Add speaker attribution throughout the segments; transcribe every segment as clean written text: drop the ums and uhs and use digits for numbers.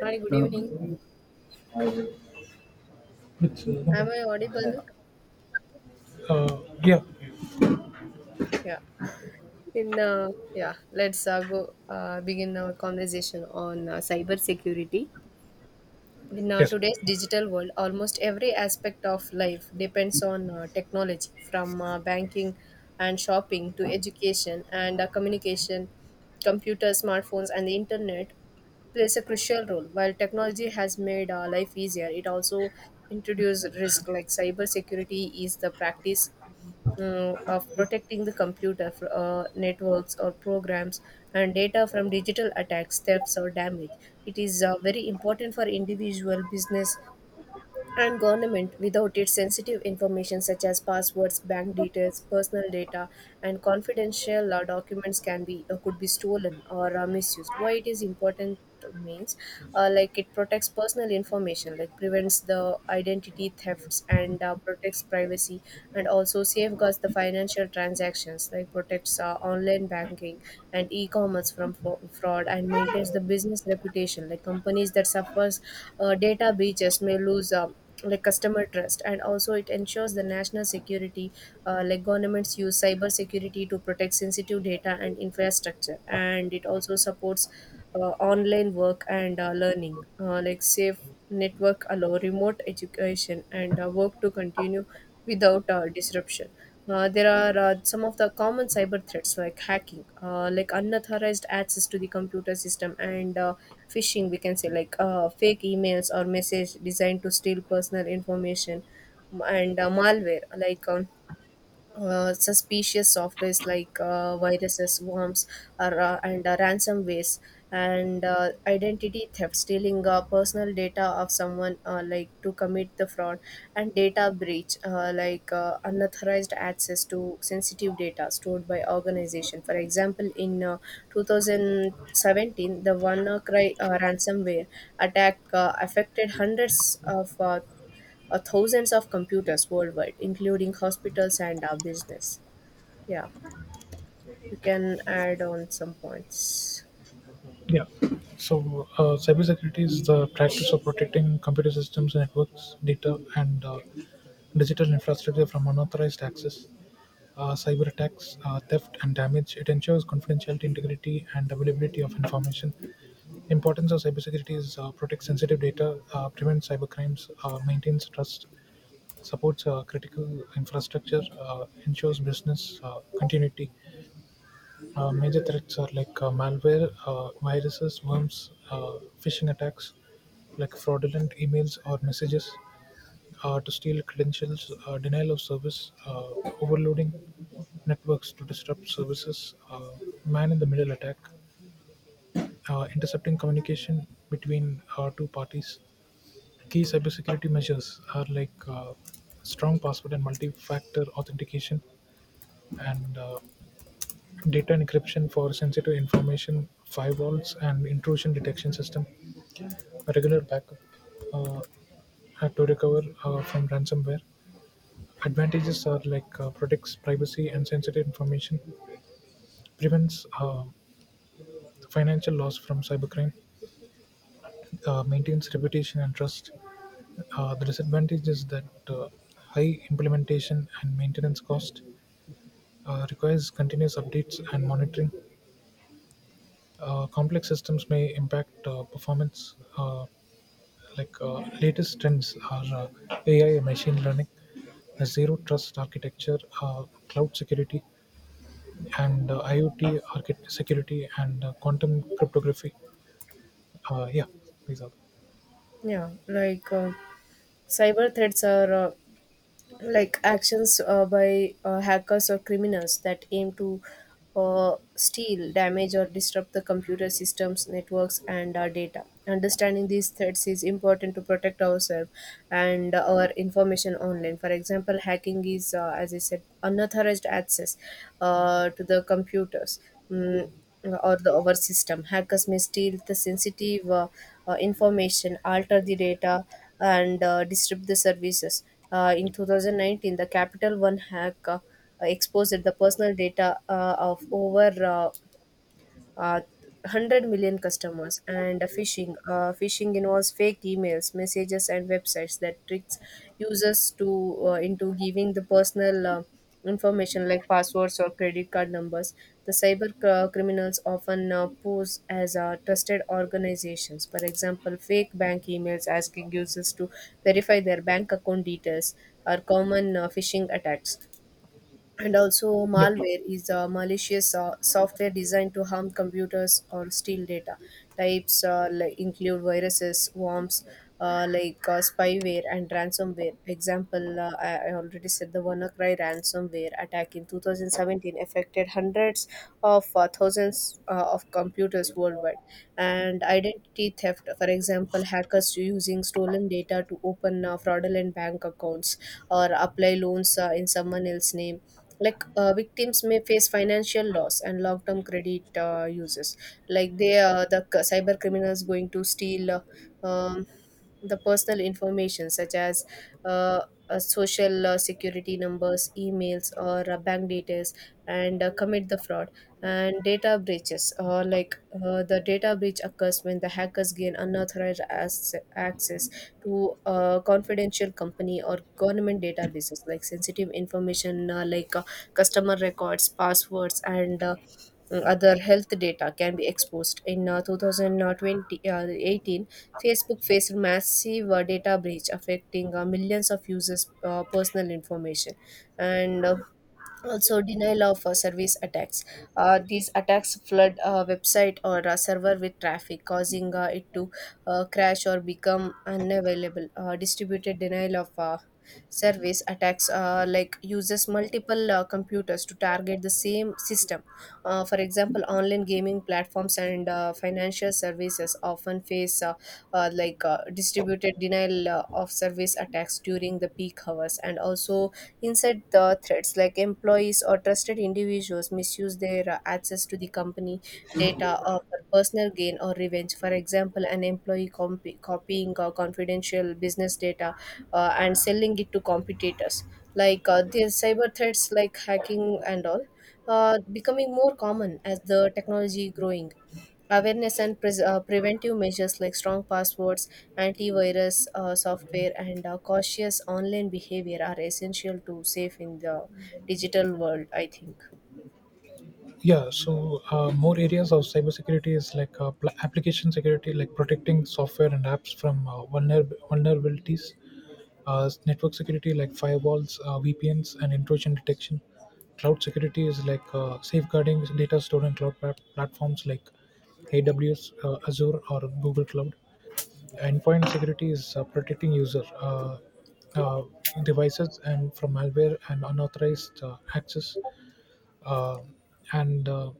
Speaker 1: Hi, good evening.
Speaker 2: With
Speaker 1: Am
Speaker 2: company.
Speaker 1: I audible?
Speaker 2: Uh, yeah,
Speaker 1: Yeah, let's go begin our conversation on cyber security. In
Speaker 2: yes,
Speaker 1: today's digital world, almost every aspect of life depends on technology, from banking and shopping to education and communication. Computers, smartphones, and the internet plays a crucial role. While technology has made life easier, it also introduced risk like cyber security is the practice of protecting the networks or programs and data from digital attacks, thefts, or damage. It is very important for individual business and government without its sensitive information such as passwords, bank details, personal data, and confidential documents can be could be stolen or misused. Why it is important means, like, it protects personal information like prevents the identity thefts and protects privacy, and also safeguards the financial transactions like protects online banking and e-commerce from fraud, and maintains the business reputation like companies that suffers data breaches may lose like customer trust. And also it ensures the national security, like governments use cyber security to protect sensitive data and infrastructure, and it also supports online work and learning, like safe network allow remote education and work to continue without disruption. There are some of the common cyber threats like hacking, like unauthorized access to the computer system, and phishing. We can say like fake emails or message designed to steal personal information, and malware like suspicious softwares like viruses, worms, or, and ransomwares, and identity theft, stealing personal data of someone, like to commit the fraud, and data breach, like unauthorized access to sensitive data stored by organization. For example, in 2017, the WannaCry ransomware attack affected hundreds of thousands of computers worldwide, including hospitals and our business. Yeah, you can add on some points.
Speaker 2: yeah. So cybersecurity is the practice of protecting computer systems, networks, data, and digital infrastructure from unauthorized access, cyber attacks, theft, and damage. It ensures confidentiality, integrity, and availability of information. Importance of cybersecurity is protect sensitive data, prevent cybercrimes, maintains trust, supports critical infrastructure, ensures business continuity. Major threats are like malware, viruses, worms, phishing attacks, like fraudulent emails or messages to steal credentials, denial of service, overloading networks to disrupt services, man in the middle attack, intercepting communication between two parties. Key cybersecurity measures are like strong password and multi factor authentication, and data encryption for sensitive information, firewalls, and intrusion detection system, a regular backup uh, to recover from ransomware. Advantages are like protects privacy and sensitive information, prevents financial loss from cybercrime, maintains reputation and trust. The disadvantage is that high implementation and maintenance cost requires continuous updates and monitoring. Complex systems may impact performance. Latest trends are AI, and machine learning, a zero trust architecture, cloud security, and IoT architect security and quantum cryptography. Yeah, these are.
Speaker 1: Yeah, like, cyber threats are, like, actions by hackers or criminals that aim to steal, damage, or disrupt the computer systems, networks, and our data. Understanding these threats is important to protect ourselves and our information online. For example, hacking is, as I said, unauthorized access to the computers. Mm, or the our system. Hackers may steal the sensitive information, alter the data, and disrupt the services. In 2019, the Capital One hack exposed the personal data of over uh, 100 million customers. And phishing involves fake emails, messages, and websites that tricks users to into giving the personal information like passwords or credit card numbers. The criminals often pose as trusted organizations. For example, fake bank emails asking users to verify their bank account details are common phishing attacks. And also,
Speaker 2: yeah,
Speaker 1: malware is a malicious software designed to harm computers or steal data. Types like include viruses, worms, spyware, and ransomware. Example, I already said the WannaCry ransomware attack in 2017 affected hundreds of thousands of computers worldwide. And identity theft, for example, hackers using stolen data to open fraudulent bank accounts or apply loans in someone else's name. Like, victims may face financial loss and long-term credit uses. Like the cyber criminals going to steal um, the personal information such as uh, social security numbers, emails, or bank details, and commit the fraud. And data breaches, like the data breach occurs when the hackers gain unauthorized access to confidential company or government databases. Like sensitive information, like customer records, passwords, and other health data can be exposed. In 2020, 18, Facebook faced massive data breach affecting millions of users' personal information. And also denial of service attacks, these attacks flood a website or a server with traffic causing it to crash or become unavailable. Distributed denial of service attacks, like, uses multiple computers to target the same system. For example, online gaming platforms and financial services often face distributed denial of service attacks during the peak hours. And also inside the threats like employees or trusted individuals misuse their access to the company data for personal gain or revenge. For example, an employee copying confidential business data and selling it to competitors. Like, these cyber threats like hacking and all becoming more common as the technology growing. Awareness and pres preventive measures like strong passwords, antivirus software, and cautious online behavior are essential to safe in the digital world, I think.
Speaker 2: yeah. So more areas of cybersecurity is like application security, like protecting software and apps from vulnerabilities. Network security like firewalls, VPNs, and intrusion detection. Cloud security is like safeguarding data stored on cloud platforms like AWS, Azure, or Google Cloud. Endpoint security is protecting user uh, devices and from malware and unauthorized access. Uh, and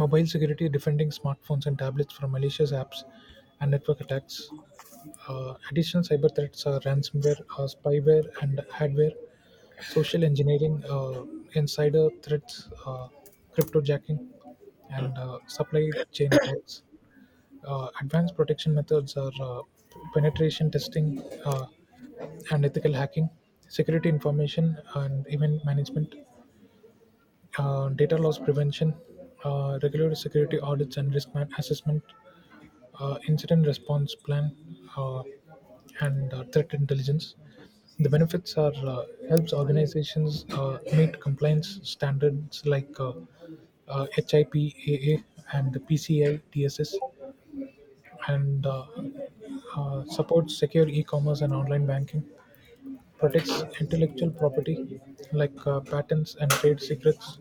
Speaker 2: Mobile security defending smartphones and tablets from malicious apps and network attacks. Additional cyber threats are ransomware, spyware, and adware, social engineering, insider threats, cryptojacking, and supply chain attacks. Advanced protection methods are penetration testing and ethical hacking, security information and event management, data loss prevention, regular security audits and assessment, incident response plan, uh, and threat intelligence. The benefits are helps organizations meet compliance standards like HIPAA and the PCI DSS, and supports secure e-commerce and online banking. Protects intellectual property like patents and trade secrets.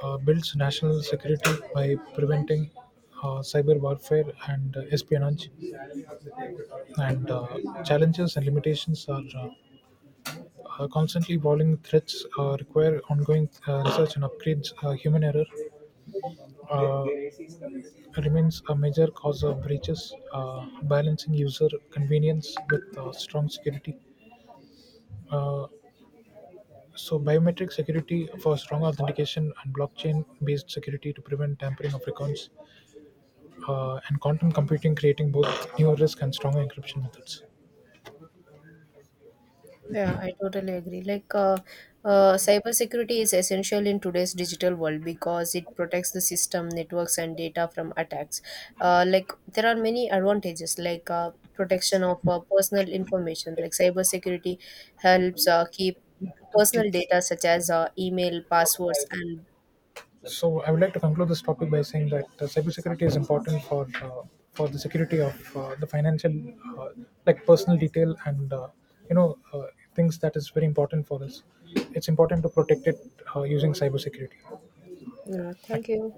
Speaker 2: Builds national security by preventing cyber warfare and espionage, and challenges and limitations are constantly evolving threats require ongoing research and upgrades. Human error uh, remains a major cause of breaches. Balancing user convenience with strong security, uh, so biometric security for strong authentication and blockchain based security to prevent tampering of records, and quantum computing creating both new risk and stronger encryption methods.
Speaker 1: Yeah, I totally agree. Like, cybersecurity is essential in today's digital world because it protects the system, networks, and data from attacks. Like, there are many advantages, like protection of personal information. Like, cybersecurity helps keep personal data such as email, passwords, and
Speaker 2: So I would like to conclude this topic by saying that
Speaker 1: yeah.
Speaker 2: cybersecurity is important for the security of the financial, uh, like personal detail and you know uh, things that is very important for us. It's important to protect it using cybersecurity.
Speaker 1: Yeah, thank
Speaker 2: Thank
Speaker 1: you.